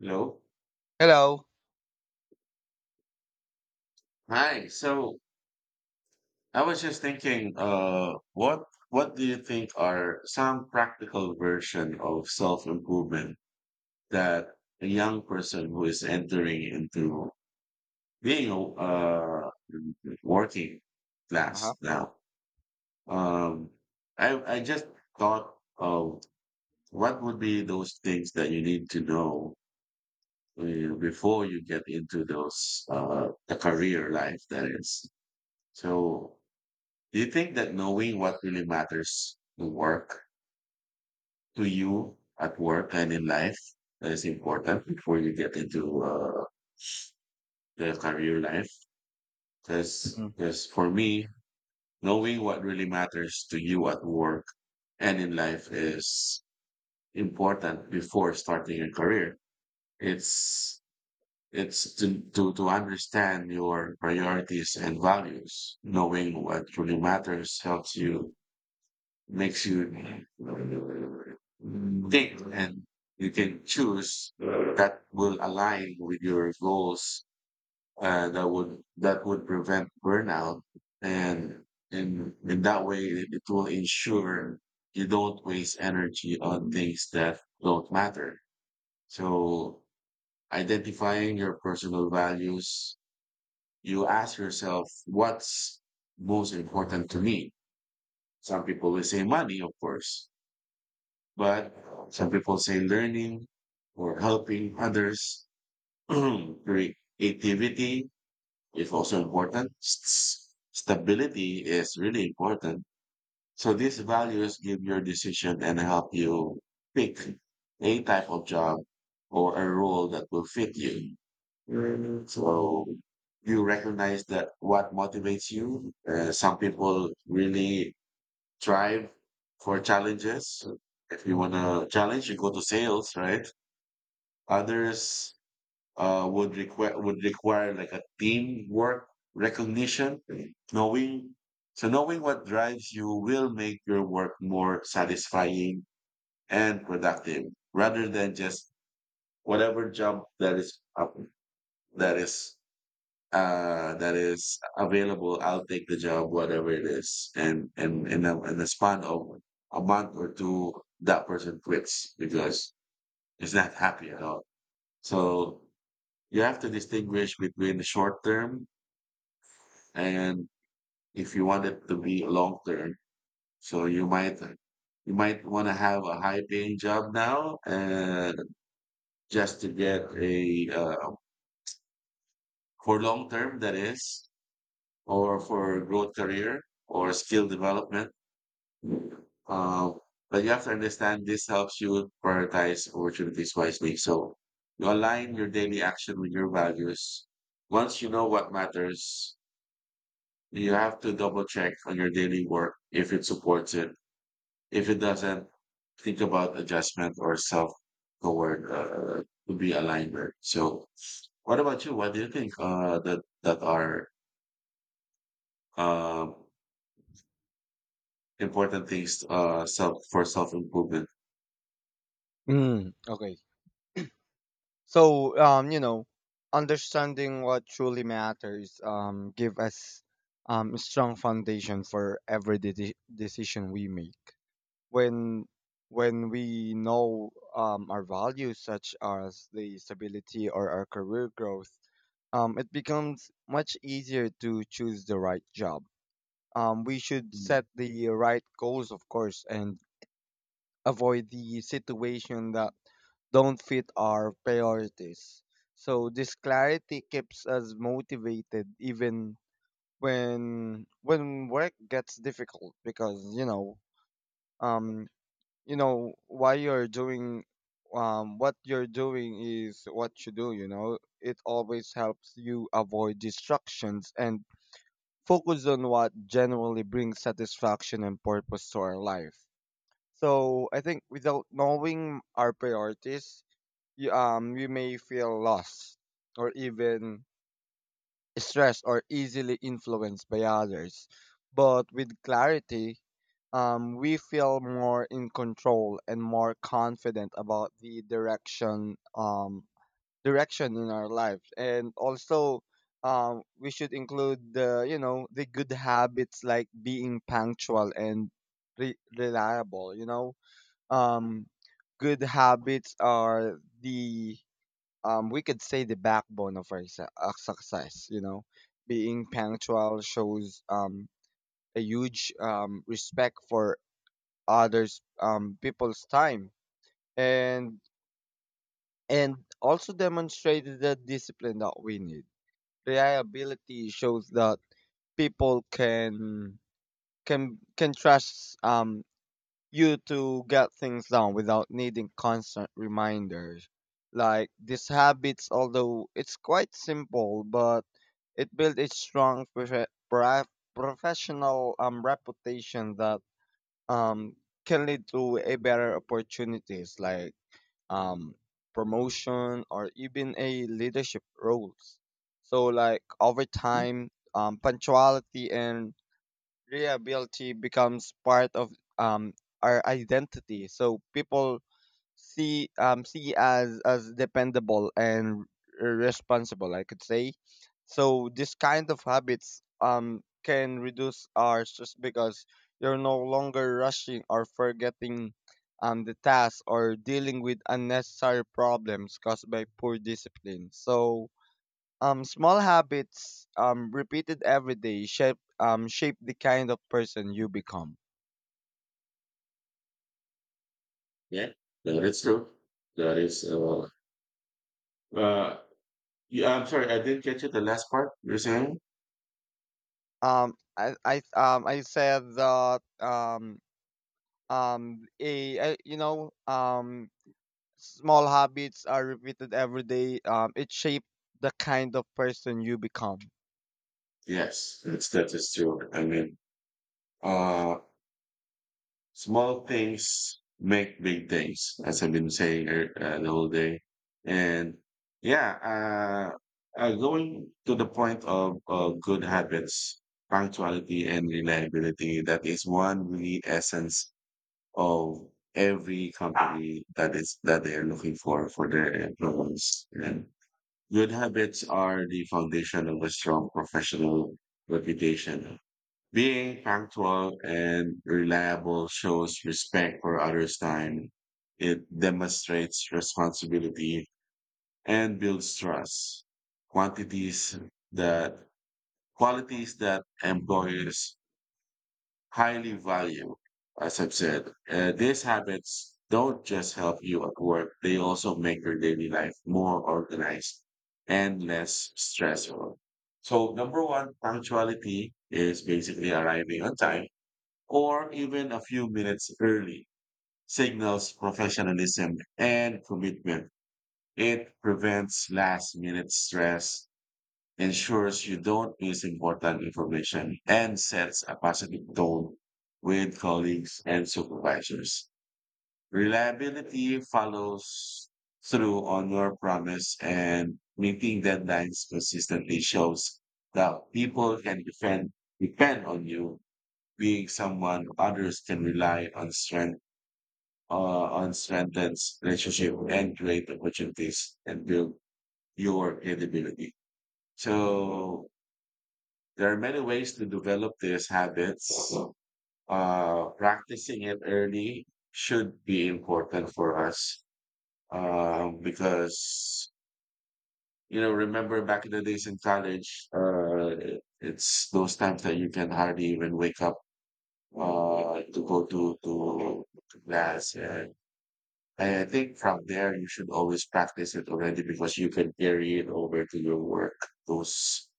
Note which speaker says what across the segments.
Speaker 1: Hello.
Speaker 2: Hello.
Speaker 1: Hi. So I was just thinking, what do you think are some practical version of self-improvement that a young person who is entering into being a working
Speaker 2: Uh-huh.
Speaker 1: class now? Um, I just thought of what would be those things that you need to know before you get into those the career life that is. So do you think that knowing what really matters to work, to you at work and in life, is important before you get into the career life?
Speaker 2: Mm.
Speaker 1: Because for me, knowing what really matters to you at work and in life is important before starting a career. It's it's to understand your priorities and values. Knowing what really matters helps you makes you think, and you can choose that will align with your goals, that would prevent burnout, and in that way it will ensure you don't waste energy on things that don't matter. So identifying your personal values, you ask yourself, what's most important to me? Some people will say money, of course. But some people say learning or helping others. Creativity is also important. Stability is really important. So these values give your decision and help you pick a type of job or a role that will fit you. Mm, so you recognize that what motivates you. Some people really strive for challenges. If you want to challenge, you go to sales, right? Others would require like a teamwork, recognition, knowing. So knowing what drives you will make your work more satisfying and productive, rather than just whatever job that is up, that is that is available, I'll take the job, whatever it is. And in a, in the span of a month or two, that person quits because he's not happy at all. So you have to distinguish between the short term and if you want it to be long term. So you might want to have a high paying job now, just to get a for long term that is, or for growth career or skill development. Uh, but you have to understand this helps you prioritize opportunities wisely. So you align your daily action with your values. Once you know what matters, you have to double check on your daily work if it supports it. If it doesn't, think about adjustment or self toward to be alignment. So what about you? What do you think that are um important things, self for self improvement?
Speaker 2: Mm. Okay. So, understanding what truly matters give us a strong foundation for every decision we make. When when we know our values such as the stability or our career growth, it becomes much easier to choose the right job. We should set the right goals, of course, and avoid the situation that don't fit our priorities. So this clarity keeps us motivated even when work gets difficult, because um you know why you're doing what you're doing. Is what you do you know It always helps you avoid distractions and focus on what generally brings satisfaction and purpose to our life. So I think without knowing our priorities, we may feel lost or even stressed or easily influenced by others. But with clarity, we feel more in control and more confident about the direction direction in our lives. And also, we should include the the good habits like being punctual and reliable. Um, Good habits are the we could say the backbone of our success. Being punctual shows a huge respect for others' people's time, and and also demonstrated the discipline that we need. Reliability shows that people can trust you to get things done without needing constant reminders. Like, these habits, although it's quite simple, but it built a strong professional reputation that um, can lead to a better opportunities like um, promotion or even a leadership roles. So, like, over time, punctuality and reliability becomes part of um, our identity. So people see see as dependable and responsible, I could say. So this kind of habits can reduce our stress because you're no longer rushing or forgetting the task or dealing with unnecessary problems caused by poor discipline. So small habits repeated every day shape shape the kind of person you become.
Speaker 1: Yeah, that is true. That is, well, uh, yeah, I'm sorry, I didn't get you the last part you're saying.
Speaker 2: I said that a, I- you know small habits are repeated every day. It shape the kind of person you become.
Speaker 1: Yes, it's, that is true. I mean, uh, small things make big things, as I've been saying the whole day. And yeah, going to the point of good habits, punctuality, and reliability, that is one really essence of every company, that is that they are looking for their employees. And good habits are the foundation of a strong professional reputation. Being punctual and reliable shows respect for others' time. It demonstrates responsibility and builds trust. Quantities that qualities that employers highly valued, as I've said. These habits don't just help you at work, they also make your daily life more organized and less stressful. So, number one, punctuality is basically arriving on time or even a few minutes early, signals professionalism and commitment. It prevents last minute stress, ensures you don't miss important information, and sets a positive tone with colleagues and supervisors. Reliability, follows through on your promise and meeting deadlines consistently shows that people can depend on you. Being someone others can rely on strengthens relationship and create opportunities and build your credibility. So there are many ways to develop these habits. Practicing it early should be important for us, because, you know, remember back in the days in college, it's those times that you can hardly even wake up to go to class. Yeah. I think from there you should always practice it already, because you can carry it over to your work. Those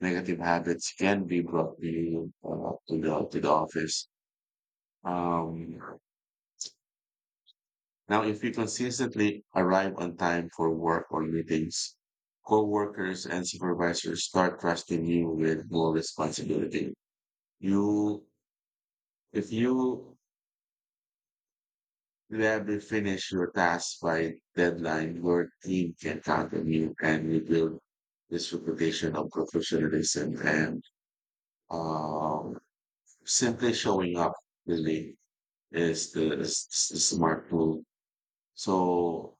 Speaker 1: negative habits can be brought to you to the office. Um, Now, if you consistently arrive on time for work or meetings, co-workers and supervisors start trusting you with more responsibility. You, if you You have to finish your task by deadline. Your team can count on you and you build this reputation of professionalism. And um, simply showing up really is is the smart move. So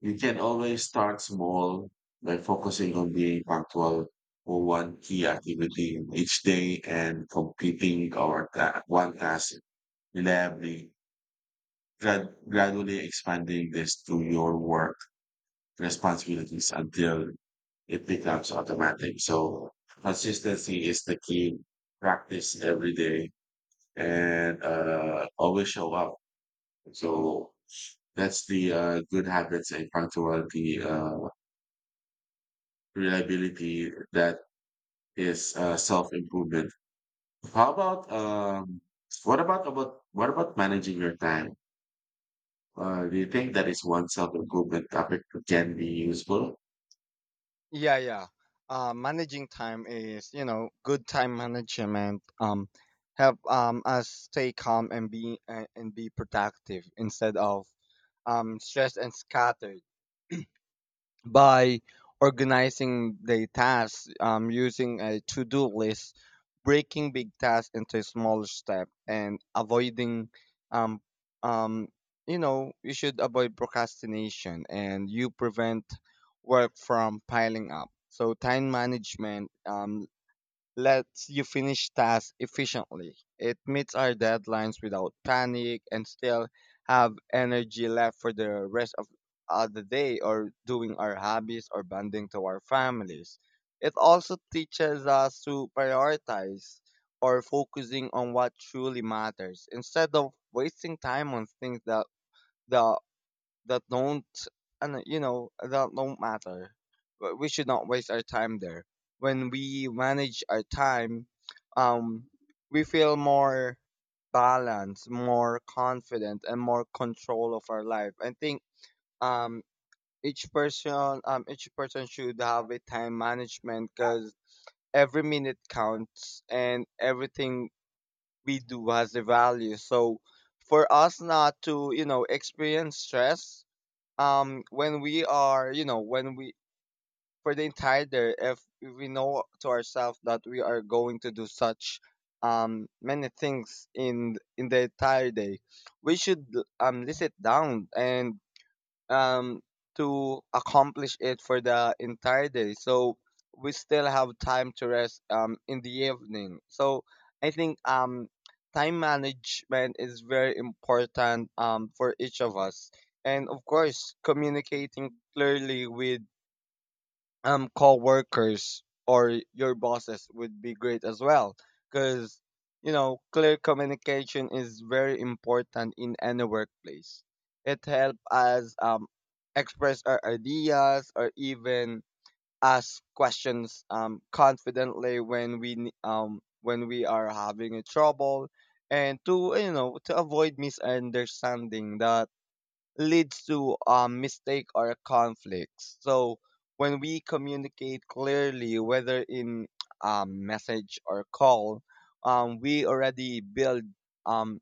Speaker 1: you can always start small by focusing on being punctual for one key activity in each day and completing one task reliably, gradually expanding this to your work responsibilities until it becomes automatic. So consistency is the key. Practice every day and always show up. So that's the good habits and punctuality, reliability that is self improvement. How about what about managing your time? Do you think that is one self improvement topic that can be useful?
Speaker 2: Yeah, yeah. Managing time is, you know, good time management help us stay calm and be productive instead of stressed and scattered. By organizing the tasks, using a to do list, breaking big tasks into smaller steps, and um, um, you should avoid procrastination and you prevent work from piling up. So, time management lets you finish tasks efficiently. It meets our deadlines without panic and still have energy left for the rest of the day or doing our hobbies or bonding to our families. It also teaches us to prioritize, or focusing on what truly matters instead of wasting time on things that that don't, and you know that don't matter. But we should not waste our time there. When we manage our time, um we feel more balanced, more confident, and more control of our life, I think. um each person, each person should have a time management, because every minute counts and everything we do has a value. So, for us not to, you know, experience stress, when we are, you know, when we for the entire day, if we know to ourselves that we are going to do such many things in the entire day, we should list it down and um, to accomplish it for the entire day. So we still have time to rest in the evening. So I think time management is very important for each of us. And of course, communicating clearly with co-workers or your bosses would be great as well. Because, you know, clear communication is very important in any workplace. It helps us express our ideas or even ask questions confidently when we when we are having a trouble, and to, you know, to avoid misunderstanding that leads to mistake or conflicts. So when we communicate clearly, whether in message or call, we already build um,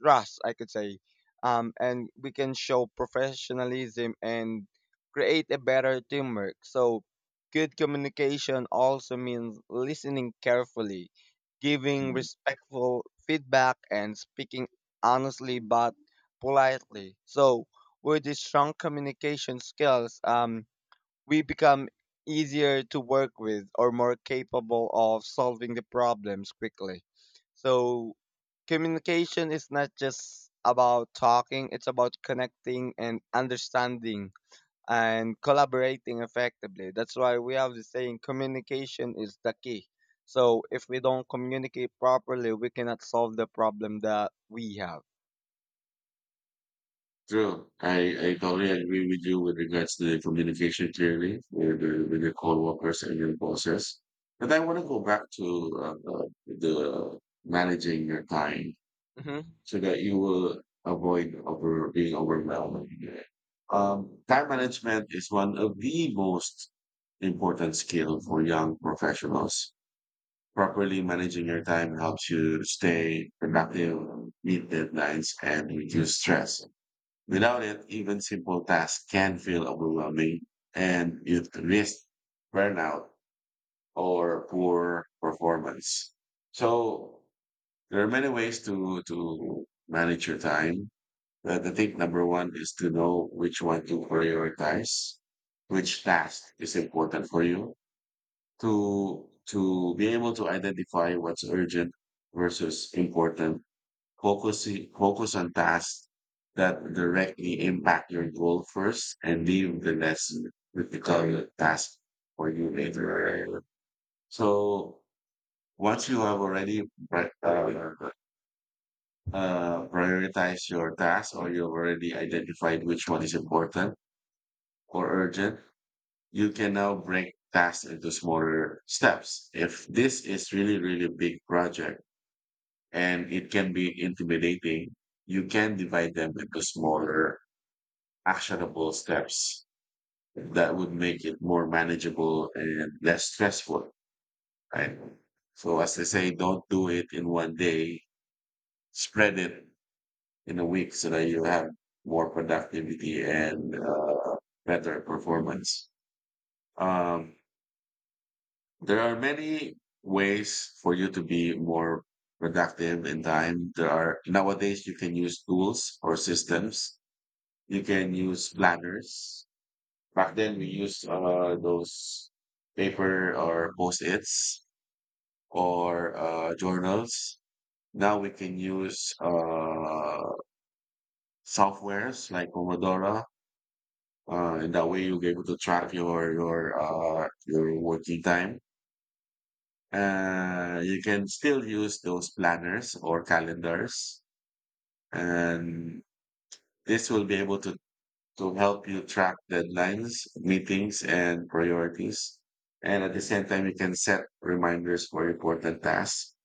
Speaker 2: trust, I could say, and we can show professionalism and create a better teamwork. So good communication also means listening carefully, giving respectful feedback, and speaking honestly but politely. So with these strong communication skills, we become easier to work with or more capable of solving the problems quickly. So communication is not just about talking, it's about connecting and understanding and collaborating effectively. That's why we have the saying, communication is the key. So if we don't communicate properly, we cannot solve the problem that we have.
Speaker 1: True. I totally agree with you with regards to the communication clearly with, with your co-workers and your bosses. But I want to go back to the managing your time
Speaker 2: Mm-hmm.
Speaker 1: so that you will avoid over being overwhelmed. Time management is one of the most important skill for young professionals. Properly managing your time helps you stay productive, meet deadlines, and reduce stress. Without it, even simple tasks can feel overwhelming, and you risk burnout or poor performance. So there are many ways to manage your time. But I think number one is to know which one to prioritize, which task is important for you to be able to identify what's urgent versus important. Focus Focus on tasks that directly impact your goal first and leave the less difficult task for you later. So once you have already pri- uh, prioritized your task, or you've already identified which one is important or urgent, you can now break tasks into smaller steps. If this is really, really big project and it can be intimidating, you can divide them into smaller actionable steps that would make it more manageable and less stressful, right? So as they say, don't do it in one day, spread it in a week so that you have more productivity and better performance. Um, there are many ways for you to be more productive in time. There are nowadays you can use tools or systems. You can use planners. Back then we used those paper or post-its or journals. Now we can use softwares like Pomodoro. And that way you'll be able to track your working time. You can still use those planners or calendars, and this will be able to help you track deadlines, meetings, and priorities. And at the same time, you can set reminders for important tasks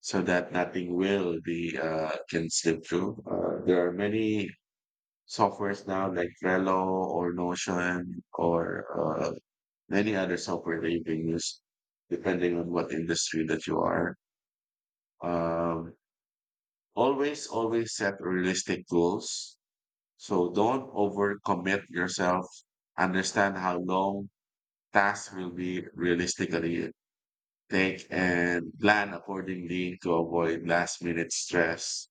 Speaker 1: so that nothing will be can slip through. There are many softwares now like Trello or Notion or any other software that you can use, depending on what industry that you are. Um, Always, always set realistic goals. So don't overcommit yourself. Understand how long tasks will be realistically take and plan accordingly to avoid last minute stress.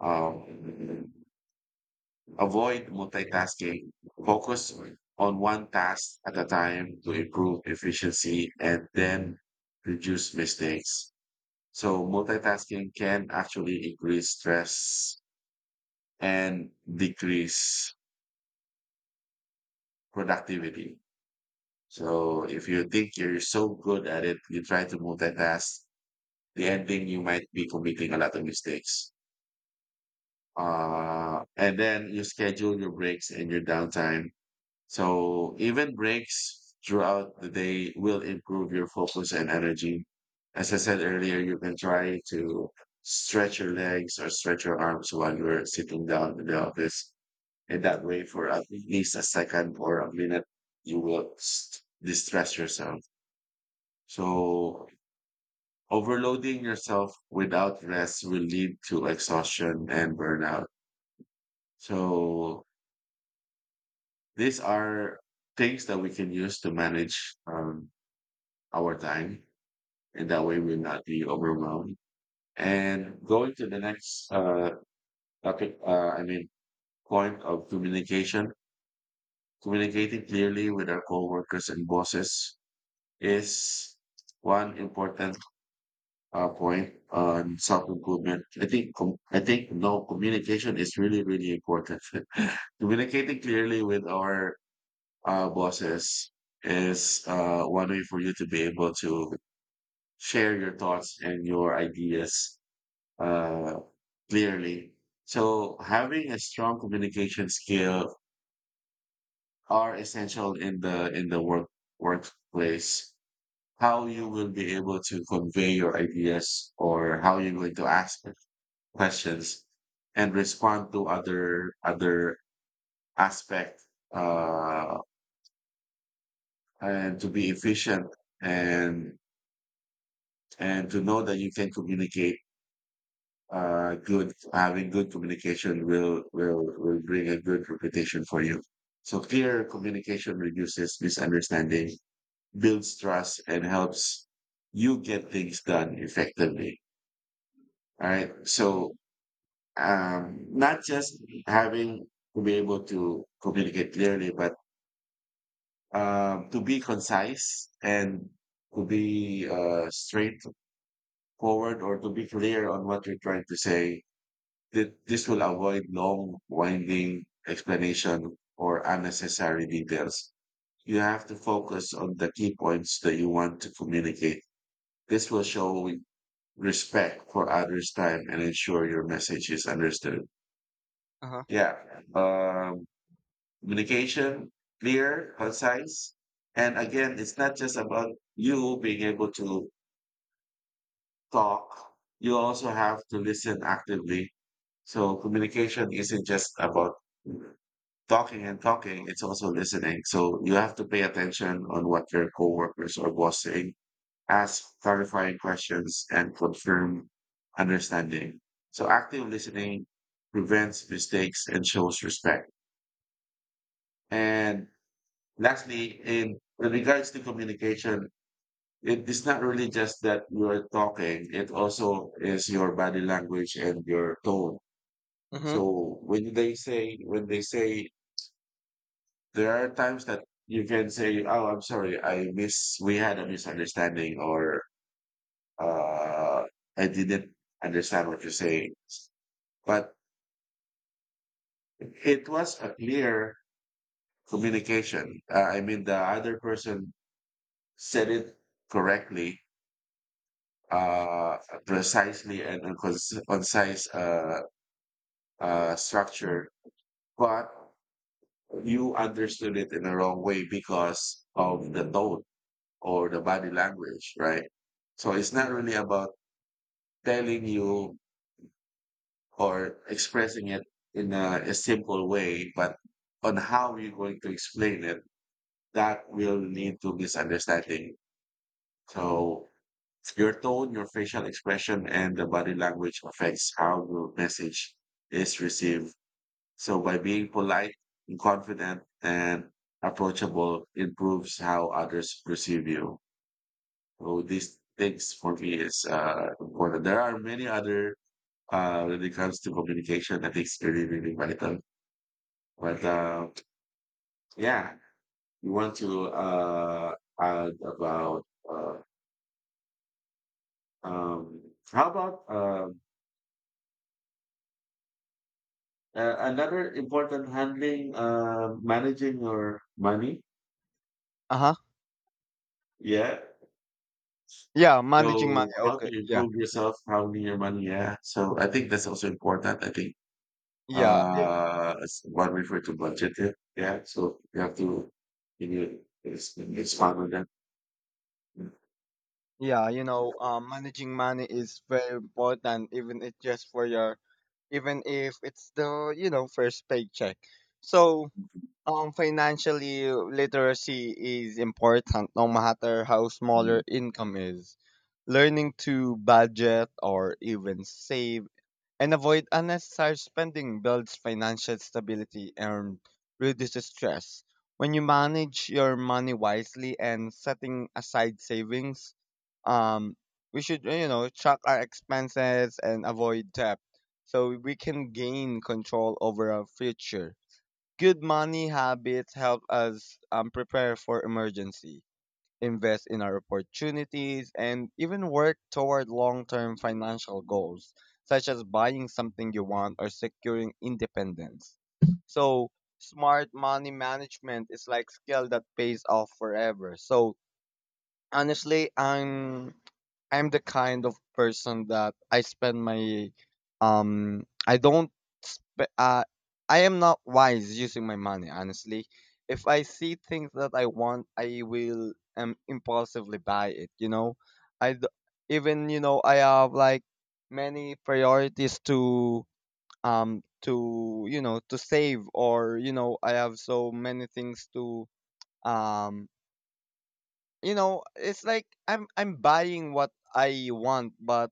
Speaker 1: Um, Avoid multitasking. Focus on one task at a time to improve efficiency and then reduce mistakes. So multitasking can actually increase stress and decrease productivity. So if you think you're so good at it, you try to multitask, the ending you might be committing a lot of mistakes. And then you schedule your breaks and your downtime. So even breaks throughout the day will improve your focus and energy. As I said earlier, you can try to stretch your legs or stretch your arms while you're sitting down in the office. And that way, for at least a second or a minute, you will distress yourself. So overloading yourself without rest will lead to exhaustion and burnout. So these are things that we can use to manage our time, and that way we'll not be overwhelmed. And going to the next topic, I mean, point of communication, communicating clearly with our coworkers and bosses is one important point on self-improvement. I think I think no communication is really really important. Communicating clearly with our bosses is one way for you to be able to share your thoughts and your ideas uh, clearly. So having a strong communication skill are essential in the workplace. How you will be able to convey your ideas, or how you're going to ask questions and respond to other aspect, uh, and to be efficient, and and to know that you can communicate, good, having good communication will bring a good reputation for you. So clear communication reduces misunderstanding, builds trust, and helps you get things done effectively. All right, so not just having to be able to communicate clearly, but to be concise, and to be straightforward, or to be clear on what you're trying to say. This will avoid long, winding explanation or unnecessary details. You have to focus on the key points that you want to communicate. This will show respect for others' time and ensure your message is understood.
Speaker 2: Uh-huh.
Speaker 1: Yeah. Um, Communication, clear, concise. And again, it's not just about you being able to talk, you also have to listen actively. So communication isn't just about talking and talking, it's also listening. So you have to pay attention on what your coworkers or boss saying, ask clarifying questions, and confirm understanding. So active listening prevents mistakes and shows respect. And lastly, in regards to communication, it is not really just that you're talking, it also is your body language and your tone.
Speaker 2: Mm-hmm.
Speaker 1: So when they say, there are times that you can say, oh, I'm sorry, I miss, we had a misunderstanding, or uh, I didn't understand what you're saying. But it was a clear communication. I mean, the other person said it correctly, uh, precisely, and on concise structure, but you understood it in the wrong way because of the tone or the body language, right? So it's not
Speaker 2: Yeah.
Speaker 1: really about telling you or expressing it in a simple way, but on how you're going to explain it, that will lead to misunderstanding. So your tone, your facial expression, and the body language affects how your message is received. So by being polite and confident and approachable improves how others perceive you. So these things for me is important. There are many other, when it comes to communication, I think it's really, really vital. But yeah, we want to add about uh, um, how about another important handling, managing your money.
Speaker 2: Uh-huh.
Speaker 1: Yeah.
Speaker 2: Yeah, managing money.
Speaker 1: So how to
Speaker 2: Okay. Yeah.
Speaker 1: improve yourself, handling your money. Yeah. So I think that's also important. I think
Speaker 2: Yeah.
Speaker 1: it's what we refer to budget. Yeah. Yeah. So you have to you need, it's fun with that.
Speaker 2: Yeah, you know, managing money is very important, even it just for your, even if it's the, you know, first paycheck. So, financially literacy is important no matter how small
Speaker 1: Mm.
Speaker 2: your income is. Learning to budget or even save and avoid unnecessary spending builds financial stability and reduces stress. When you manage your money wisely and setting aside savings, um, we should, you know, track our expenses and avoid debt, so we can gain control over our future. Good money habits help us prepare for emergency, invest in our opportunities, and even work toward long term financial goals, such as buying something you want or securing independence. So, smart money management is like skill that pays off forever. So, honestly, I'm the kind of person that I spend my I don't sp- I am not wise using my money, honestly. If I see things that I want, I will impulsively buy it, you know. I d- Even, you know, I have like many priorities to to save, or, you know, I have so many things to um you know, it's like I'm buying what I want but,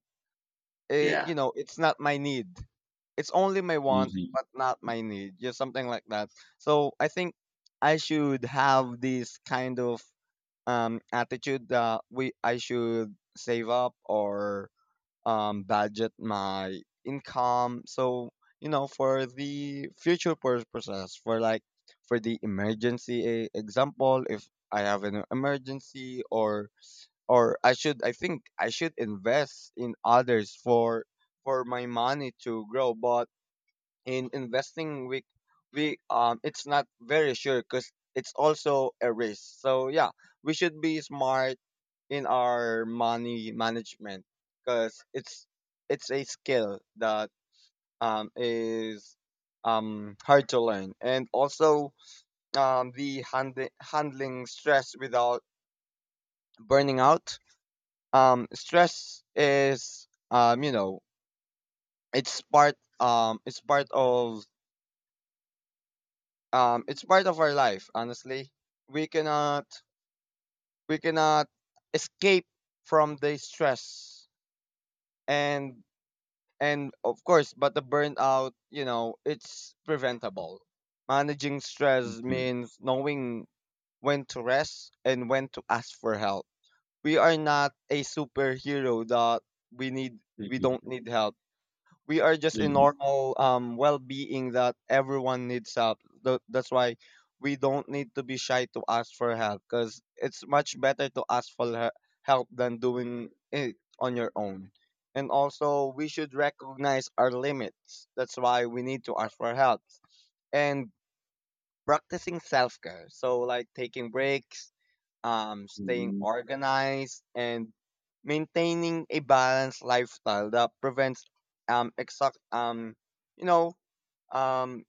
Speaker 1: Yeah.
Speaker 2: you know, it's not my need. It's only my want,
Speaker 1: Mhm.
Speaker 2: but not my need. Just something like that. So I think I should have this kind of attitude that we I should save up or budget my income. So, you know, for the future purposes, for like for the emergency, example, if I have an emergency, or I should I think I should invest in others for my money to grow. But in investing, we it's not very sure because it's also a risk. So yeah, we should be smart in our money management, because it's a skill that is hard to learn. And also, the handling stress without burning out. Stress is, you know, it's part um it's part of it's part of our life, honestly. we cannot we cannot escape from the stress. and and of course, but the burnout, you know, it's preventable. Managing stress
Speaker 1: Mhm.
Speaker 2: means knowing when to rest and when to ask for help. We are not a superhero that we don't
Speaker 1: Mhm.
Speaker 2: need help. We are just a
Speaker 1: Mhm.
Speaker 2: normal well-being that everyone needs help. That's why we don't need to be shy to ask for help, because it's much better to ask for help than doing it on your own. And also, we should recognize our limits. That's why we need to ask for help. And practicing self-care, so like taking breaks, staying
Speaker 1: Mhm.
Speaker 2: organized, and maintaining a balanced lifestyle that prevents exact you know um,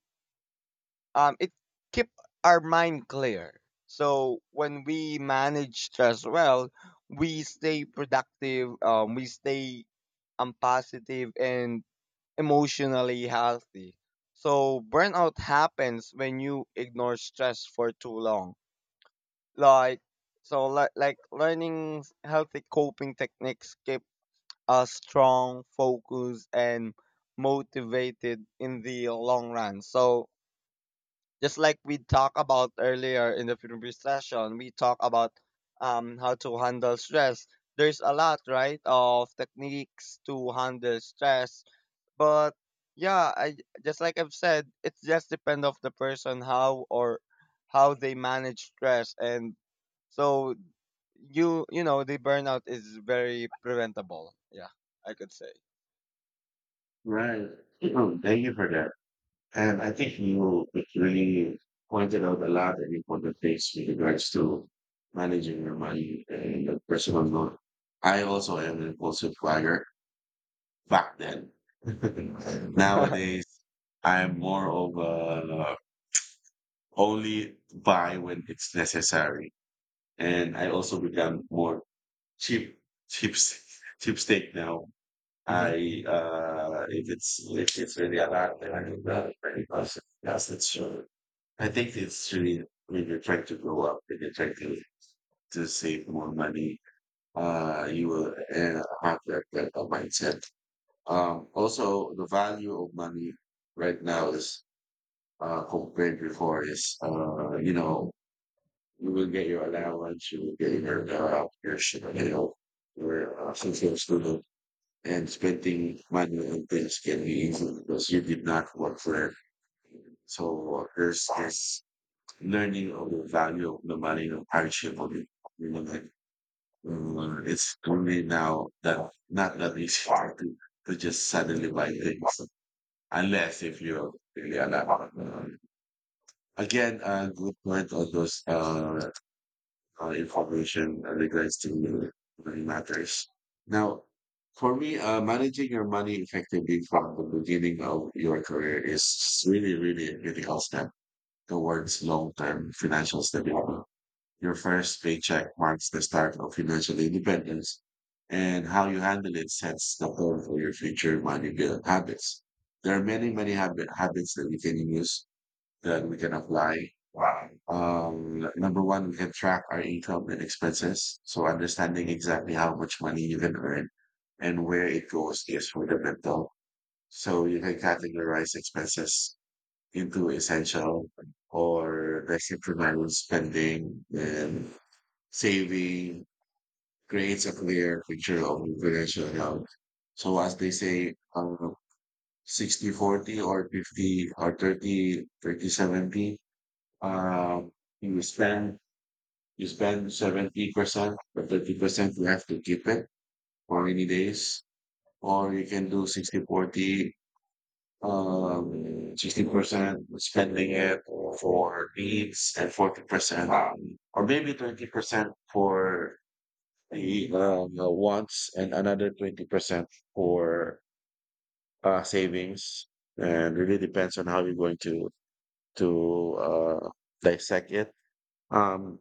Speaker 2: it keep our mind clear. So when we manage stress well, we stay productive, we stay positive and emotionally healthy. So burnout happens when you ignore stress for too long. like like, learning healthy coping techniques keep us strong, focused, and motivated in the long run. So, just like we talked about earlier in the previous session, we talk about how to handle stress. There's a lot, right, of techniques to handle stress. But yeah, I, just like I've said, it just depends of the person how, or how they manage stress. And so, you know, the burnout is very preventable. Yeah, I could say.
Speaker 1: Right. Thank you for that. And I think you really pointed out a lot of important things with regards to managing your money and the personal note. I also am an impulsive buyer back then. Nowadays, I'm more of a, only buy when it's necessary. And I also become more cheap, cheap, cheapstake now.
Speaker 2: hmm
Speaker 1: If it's really a lot, then I do that. But it Yes, it's true. I think it's really when you're trying to grow up and you're trying to save more money, you will have that kind of mindset. Also, the value of money right now is, compared before, is, you know, you will get your allowance, you will get your, your you know your, social student, and spending money on things can be easy because you did not work for it. So there's this learning of the value of the money, of hardship of it. You know, like, it's only now that, not that it's hard to just suddenly buy things, unless if you're really allowed. Again, a good point on those information, regards to money matters. Now, for me, managing your money effectively from the beginning of your career is really, really, a critical step towards long-term financial stability. Your first paycheck marks the start of financial independence, and how you handle it sets the tone for your future money build habits. There are many, many habits that we can use, that we can apply. Wow. Number one, we can track our income and expenses. So understanding exactly how much money you can earn and where it goes is fundamental. So you can categorize expenses into essential or the exceptional spending, and saving creates a clear picture of your financial health. So as they say, 60/40 or 50 or thirty seventy. 30. Um, you spend you spend 70%, but 30% you have to keep it for rainy days, or you can do 60/40. um, 60% spending it for needs, and 40%, or maybe 20% for He wants, and another 20% for savings. And really depends on how you're going to dissect it. Um,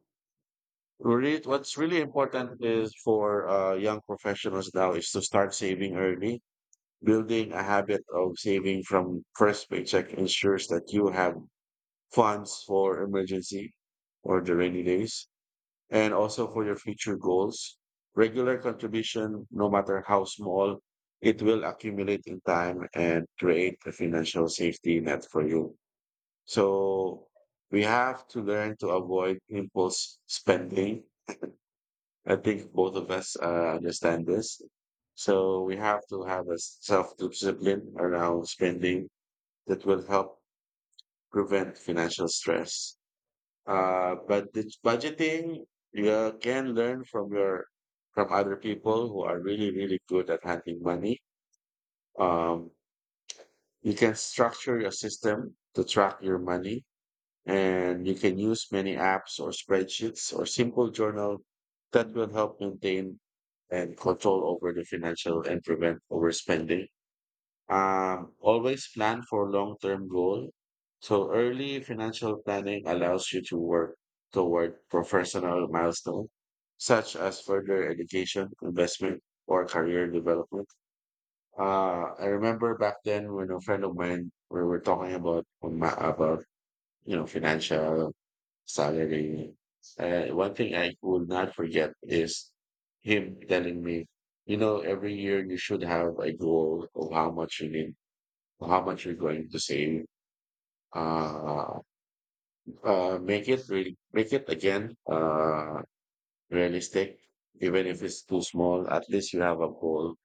Speaker 1: Really, what's really important is for young professionals now is to start saving early. Building a habit of saving from first paycheck ensures that you have funds for emergency or the rainy days, and also for your future goals. Regular contribution, no matter how small, it will accumulate in time and create a financial safety net for you. So we have to learn to avoid impulse spending. I think both of us understand this. So we have to have a self discipline around spending that will help prevent financial stress. But it's budgeting, you can learn from other people who are really, really good at handling money. Um, you can structure your system to track your money, and you can use many apps or spreadsheets or simple journal that will help maintain and control over the financial and prevent overspending. Always plan for long-term goal. So early financial planning allows you to work toward professional milestone, such as further education, investment, or career development. I remember back then when a friend of mine, we were talking about about financial salary. One thing I will not forget is him telling me, you know, every year you should have a goal of how much you're going to save. Uh, Make it really, make it again, realistic, even if it's too small. At least you have a goal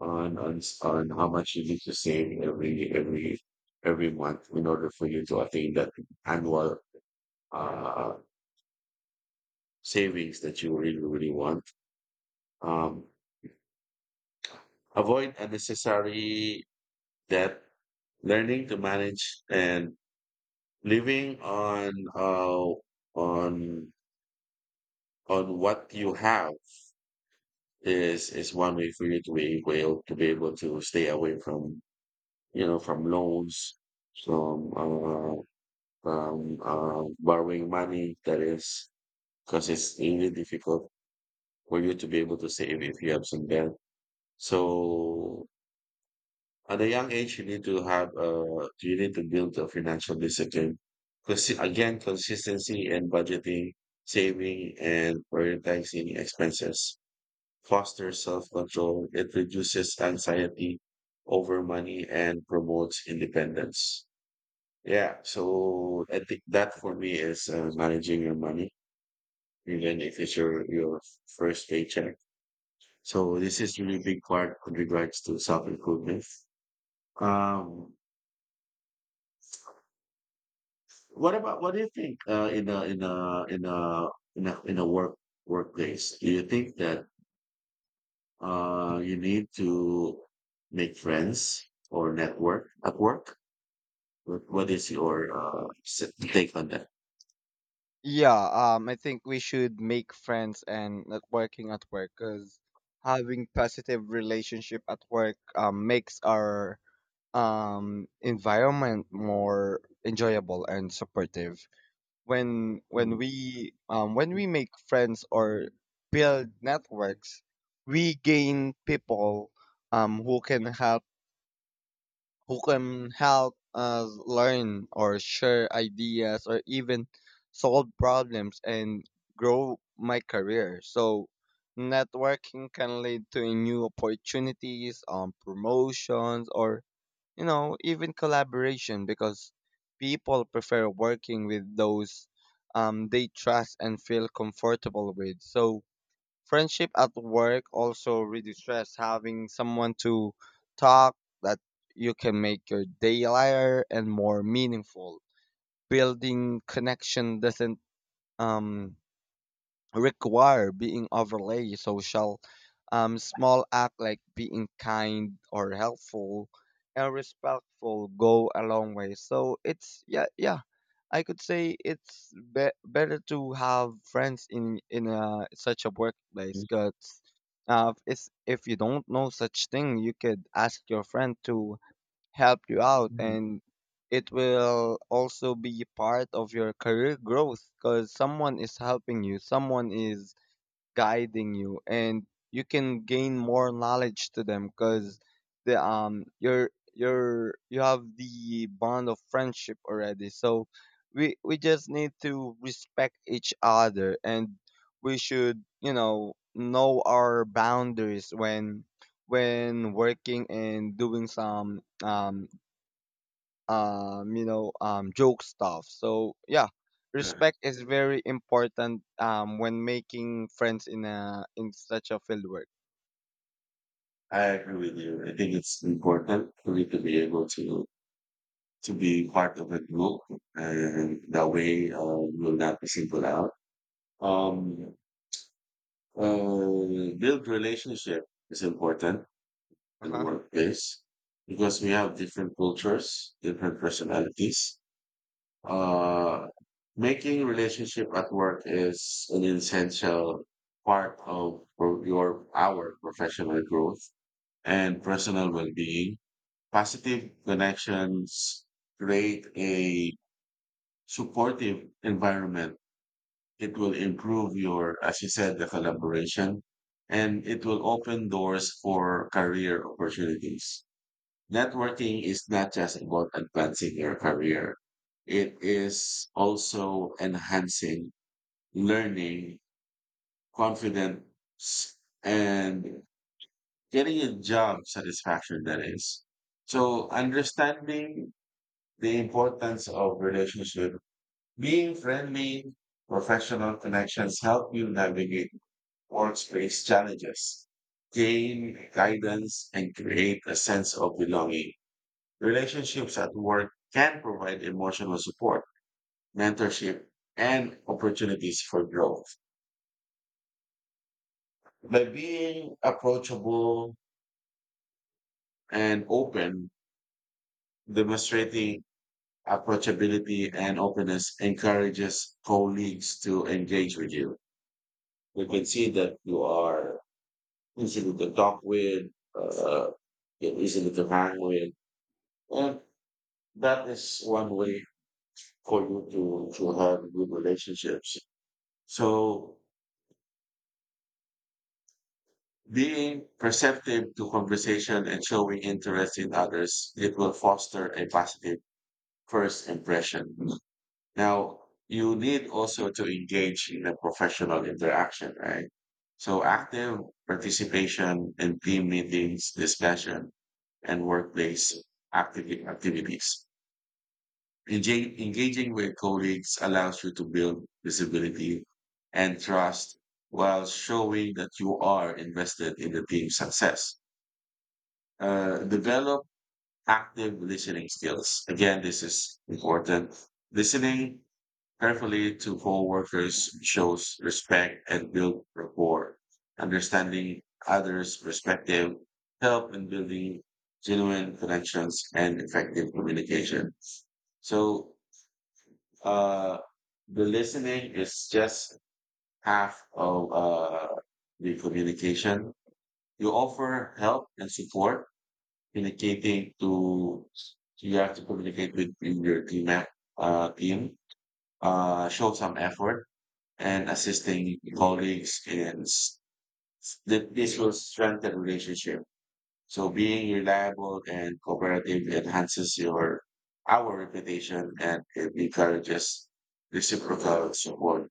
Speaker 1: on how much you need to save every month in order for you to attain that annual, uh, savings that you really really want. Um, Avoid unnecessary debt. Learning to manage and living on, on on what you have is one way for you to be able to stay away from, from loans, from uh, from borrowing money, that is, because it's really difficult for you to be able to save if you have some debt. So at a young age, you need to build a financial discipline, because, again, consistency and budgeting, saving, and prioritizing expenses fosters self-control, it reduces anxiety over money and promotes independence. Yeah, so I think that for me is, managing your money, even if it's your first paycheck. So this is really big part with regards to self-improvement. Um, what do you think, in a work workplace? Do you think that, you need to make friends or network at work? What is your, take on that?
Speaker 2: Yeah, I think we should make friends and networking at work because having positive relationship at work makes our environment more enjoyable and supportive.
Speaker 1: Mm,
Speaker 2: When we make friends or build networks, we gain people um, who can help who can help us learn or share ideas or even solve problems and grow my career. So networking can lead to new opportunities on promotions or, you know, even collaboration, because people prefer working with those they trust and feel comfortable with. So friendship at work also reduce stress. Having someone to talk that you can make your day lighter and more meaningful. Building connection doesn't um require being overly social. Small act like being kind or helpful and respectful go a long way. So it's, yeah, yeah, I could say it's better to have friends in such a workplace,
Speaker 1: mm,
Speaker 2: because it's, if you don't know such thing, you could ask your friend to help you out.
Speaker 1: mm.
Speaker 2: And it will also be part of your career growth because someone is helping you, someone is guiding you, and you can gain more knowledge to them, because the you're you have the bond of friendship already. So we just need to respect each other, and we should, you know our boundaries when working and doing some you know, joke stuff. So yeah,
Speaker 1: Yeah,
Speaker 2: respect is very important when making friends in a in such a field work.
Speaker 1: I agree with you. I think it's important for me to be able to be part of a group, and that way, you will not be singled out. Um, Build relationship is important
Speaker 2: Uh
Speaker 1: in the
Speaker 2: huh.
Speaker 1: workplace because we have different cultures, different personalities. Uh, Making relationship at work is an essential part of pro- your our professional growth and personal well-being. Positive connections create a supportive environment. It will improve your, as you said, the collaboration, and it will open doors for career opportunities. Networking is not just about advancing your career. It is also enhancing learning, confidence, and getting a job satisfaction that is. So understanding the importance of relationship, being friendly, professional connections help you navigate workspace challenges, gain guidance, and create a sense of belonging. Relationships at work can provide emotional support, mentorship, and opportunities for growth. By being approachable and open, demonstrating approachability and openness encourages colleagues to engage with you. You can see that you are easy to talk with, uh, you're easy to hang with, and that is one way for you to have good relationships. So being perceptive to conversation and showing interest in others, it will foster a positive first impression. Now, you need also to engage in a professional interaction, right? So
Speaker 2: hmm
Speaker 1: active participation in team meetings, discussion, and workplace activities. Engaging with colleagues allows you to build visibility and trust, while showing that you are invested in the team's success. Develop active listening skills. Again, this is important. Listening carefully to coworkers shows respect and build rapport. Understanding others' perspective help in building genuine connections and effective communication. So, uh, the listening is just half of the communication. You offer help and support communicating to you have to communicate with in your team show some effort and assisting colleagues that this will strengthen relationship. So being reliable and cooperative enhances your our reputation, and it encourages reciprocal support.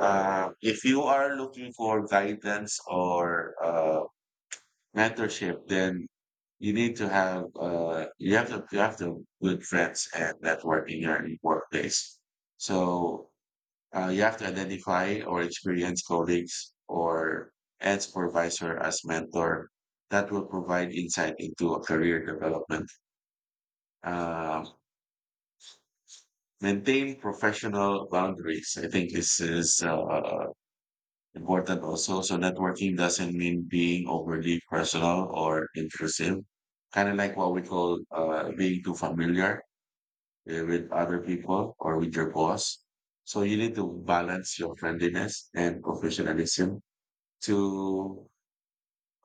Speaker 1: If you are looking for guidance or mentorship, then you need to have you have to good friends and network in your workplace. So you have to identify or experience colleagues or and supervisor as mentor that will provide insight into a career development. Uh, Maintain professional boundaries. I think this is important also. So networking doesn't mean being overly personal or intrusive. Kind of like what we call being too familiar with other people or with your boss. So you need to balance your friendliness and professionalism to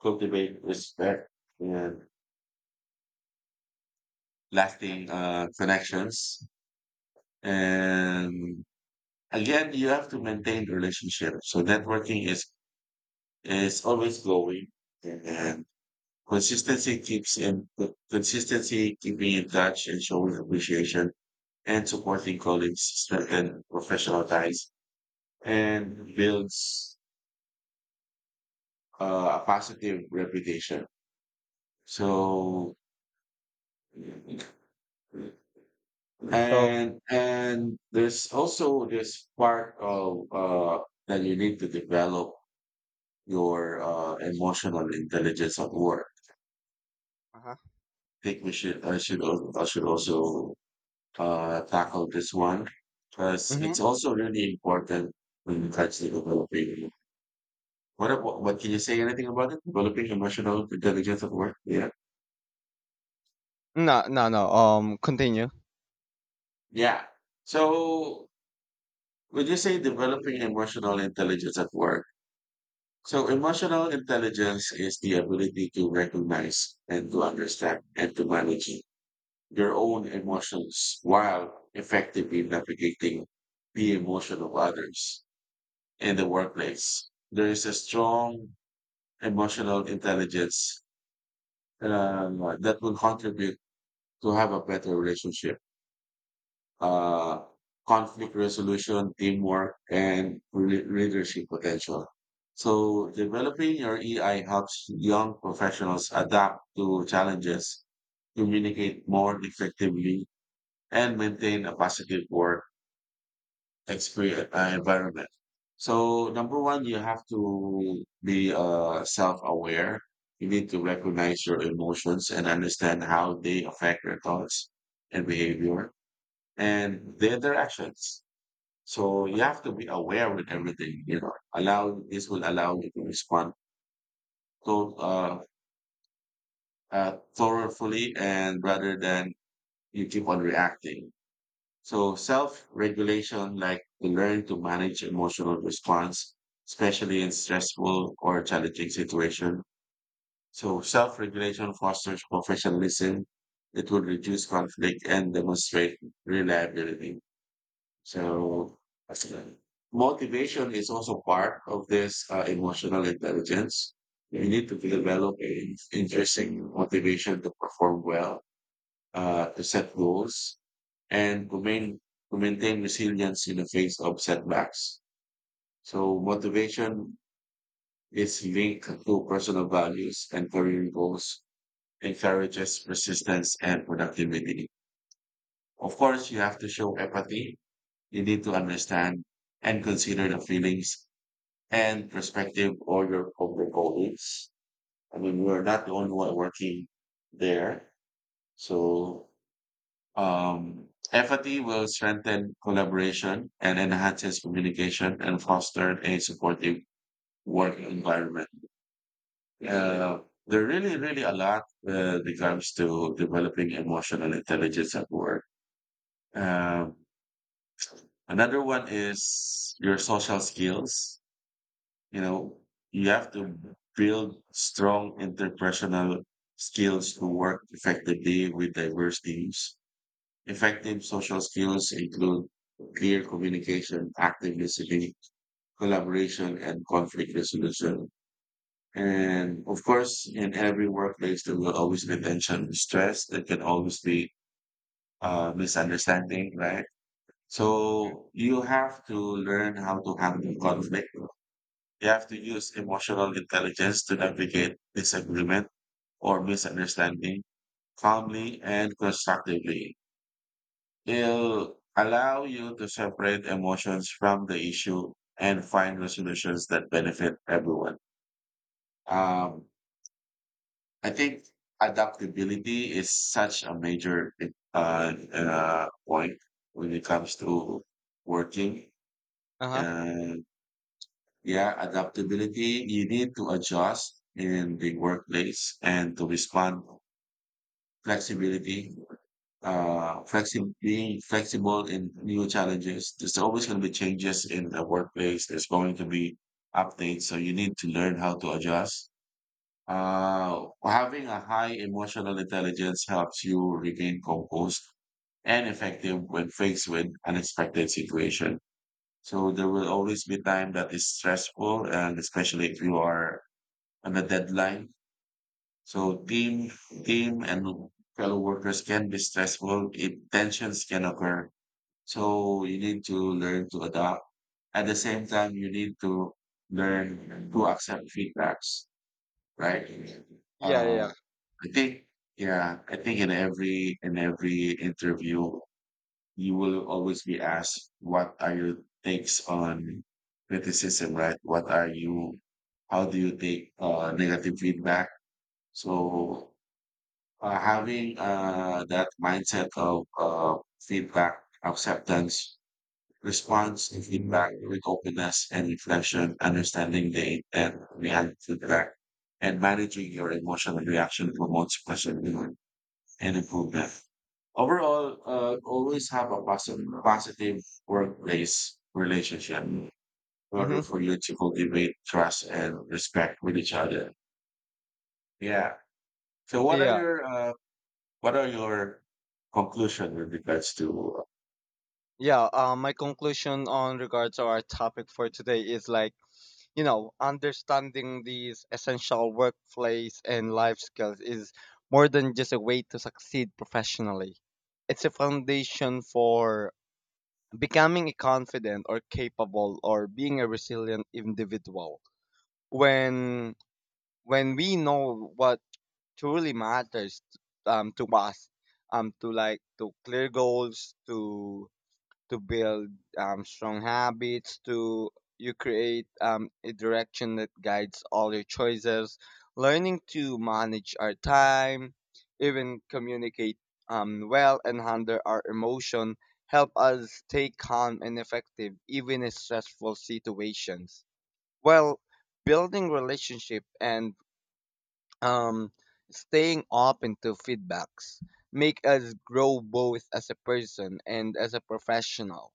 Speaker 1: cultivate respect and lasting connections. And again, you have to maintain relationship. So networking is always glowing. And Consistency keeps in consistency, keeping in touch and showing appreciation and supporting colleagues strengthen professional ties and builds a positive reputation. So
Speaker 2: So.
Speaker 1: and there's also this part of that you need to develop your emotional intelligence at work.
Speaker 2: Uh huh.
Speaker 1: I think we should I should al- I should also tackle this one because
Speaker 2: hmm
Speaker 1: it's also really important when it comes to developing. What, ab- what can you say anything about it? Developing emotional intelligence at work? Yeah.
Speaker 2: No, no, no. Continue.
Speaker 1: Yeah. So would you say developing emotional intelligence at work? So emotional intelligence is the ability to recognize and to understand and to manage your own emotions while effectively navigating the emotion of others in the workplace. There is a strong emotional intelligence that will contribute to have a better relationship, uh, conflict resolution, teamwork, and leadership potential. So developing your EI helps young professionals adapt to challenges, communicate more effectively, and maintain a positive work experience, environment. So number one, you have to be self-aware. You need to recognize your emotions and understand how they affect your thoughts and behavior and their directions. So you have to be aware with everything. You know, allow this will allow you to respond to thoroughly, and rather than you keep on reacting. So self-regulation, like to learn to manage emotional response, especially in stressful or challenging situation. So self-regulation fosters professionalism. It will reduce conflict and demonstrate reliability. So that's it. Motivation is also part of this emotional intelligence. We need to develop an interesting motivation to perform well, to set goals, and to maintain resilience in the face of setbacks. So motivation is linked to personal values and career goals, encourages persistence and productivity. Of course, you have to show empathy. You need to understand and consider the feelings and perspective of your colleagues. I mean, we're not the only one working there. So empathy will strengthen collaboration and enhances communication and foster a supportive work environment. Uh, there really, really a lot that comes to developing emotional intelligence at work. Um, Another one is your social skills. You know, you have to build strong interpersonal skills to work effectively with diverse teams. Effective social skills include clear communication, active listening, collaboration, and conflict resolution. And of course, in every workplace, there will always be tension, stress, there can always be misunderstanding, right? So you have to learn how to handle conflict. You have to use emotional intelligence to navigate disagreement or misunderstanding calmly and constructively. It'll allow you to separate emotions from the issue and find resolutions that benefit everyone. Um, I think adaptability is such a major point when it comes to working.
Speaker 2: Uh-huh.
Speaker 1: And yeah, adaptability, you need to adjust in the workplace and to respond flexibility, being flexible in new challenges. There's always going to be changes in the workplace. There's going to be updates, so you need to learn how to adjust. Having a high emotional intelligence helps you remain composed and effective when faced with unexpected situation. So there will always be time that is stressful, and especially if you are on a deadline. So team and fellow workers can be stressful if tensions can occur. So you need to learn to adapt. At the same time, you need to learn to accept feedbacks, right?
Speaker 2: Yeah, yeah. Yeah.
Speaker 1: Uh, I think, yeah, I think in every interview, you will always be asked, "What are your takes on criticism?" Right? What are you? How do you take negative feedback? So having that mindset of feedback, acceptance, response to feedback with openness and reflection, understanding the intent behind feedback, and managing your emotional reaction promotes positivity and improvement. Overall, always have a positive, positive workplace relationship in order
Speaker 2: Mm-hmm.
Speaker 1: for you to cultivate trust and respect with each other. Yeah. So, what are
Speaker 2: Yeah.
Speaker 1: your what are your conclusion with regards to,
Speaker 2: Yeah. My conclusion on regards to our topic for today is like, you know, understanding these essential workplace and life skills is more than just a way to succeed professionally. It's a foundation for becoming a confident or capable or being a resilient individual. When when we know what truly matters to us, to like to clear goals, to build strong habits, to you create a direction that guides all your choices. Learning to manage our time, even communicate well and handle our emotion, help us stay calm and effective even in stressful situations. Well, building relationship and um, staying open to feedbacks make us grow both as a person and as a professional.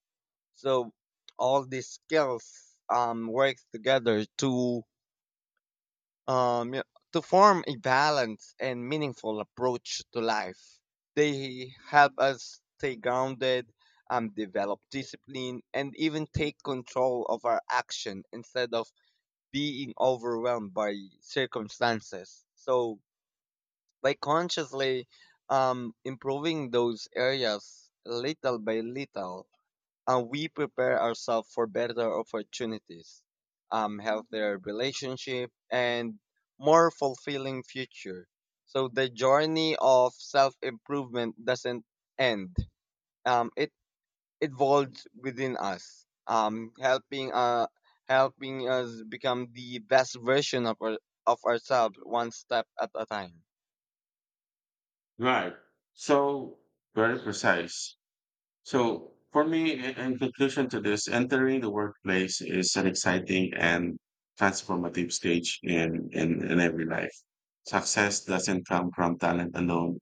Speaker 2: So all these skills work together to um, y- to form a balanced and meaningful approach to life. They help us stay grounded, develop discipline, and even take control of our action instead of being overwhelmed by circumstances. So, by consciously improving those areas little by little, and we prepare ourselves for better opportunities, healthier relationship, and more fulfilling future. So the journey of self improvement doesn't end. It evolves within us, helping us become the best version of of ourselves one step at a time.
Speaker 1: right? So very precise. So for me, in conclusion to this, entering the workplace is an exciting and transformative stage in every life. Success doesn't come from talent alone.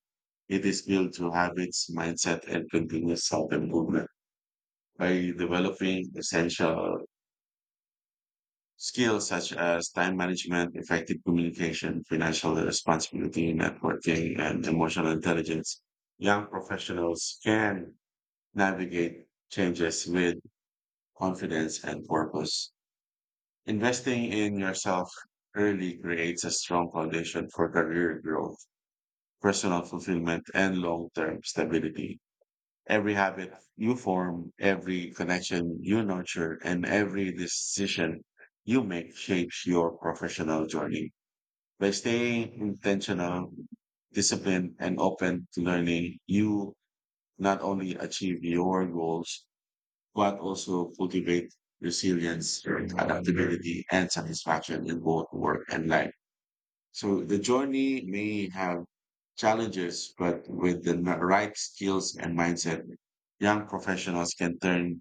Speaker 1: It is built through habits, mindset, and continuous self-improvement. By developing essential skills such as time management, effective communication, financial responsibility, networking, and emotional intelligence. Young professionals can navigate changes with confidence and purpose. Investing in yourself early creates a strong foundation for career growth, personal fulfillment, and long-term stability. Every habit you form, every connection you nurture, and every decision you make shapes your professional journey. By staying intentional, disciplined, and open to learning, you not only achieve your goals, but also cultivate resilience, adaptability, and satisfaction in both work and life. So the journey may have challenges, but with the right skills and mindset, young professionals can turn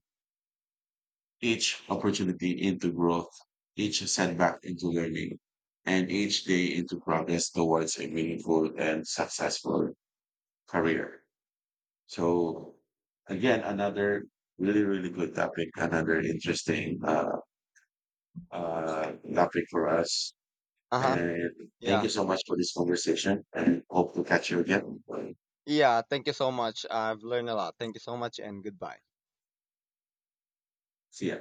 Speaker 1: each opportunity into growth, each setback into learning, and each day into progress towards a meaningful and successful career. So again, another really, really good topic, another interesting topic for us.
Speaker 2: Uh huh.
Speaker 1: And thank
Speaker 2: Yeah.
Speaker 1: you so much for this conversation and hope to catch you again.
Speaker 2: Yeah. Thank you so much. I've learned a lot. Thank you so much, and goodbye.
Speaker 1: See ya.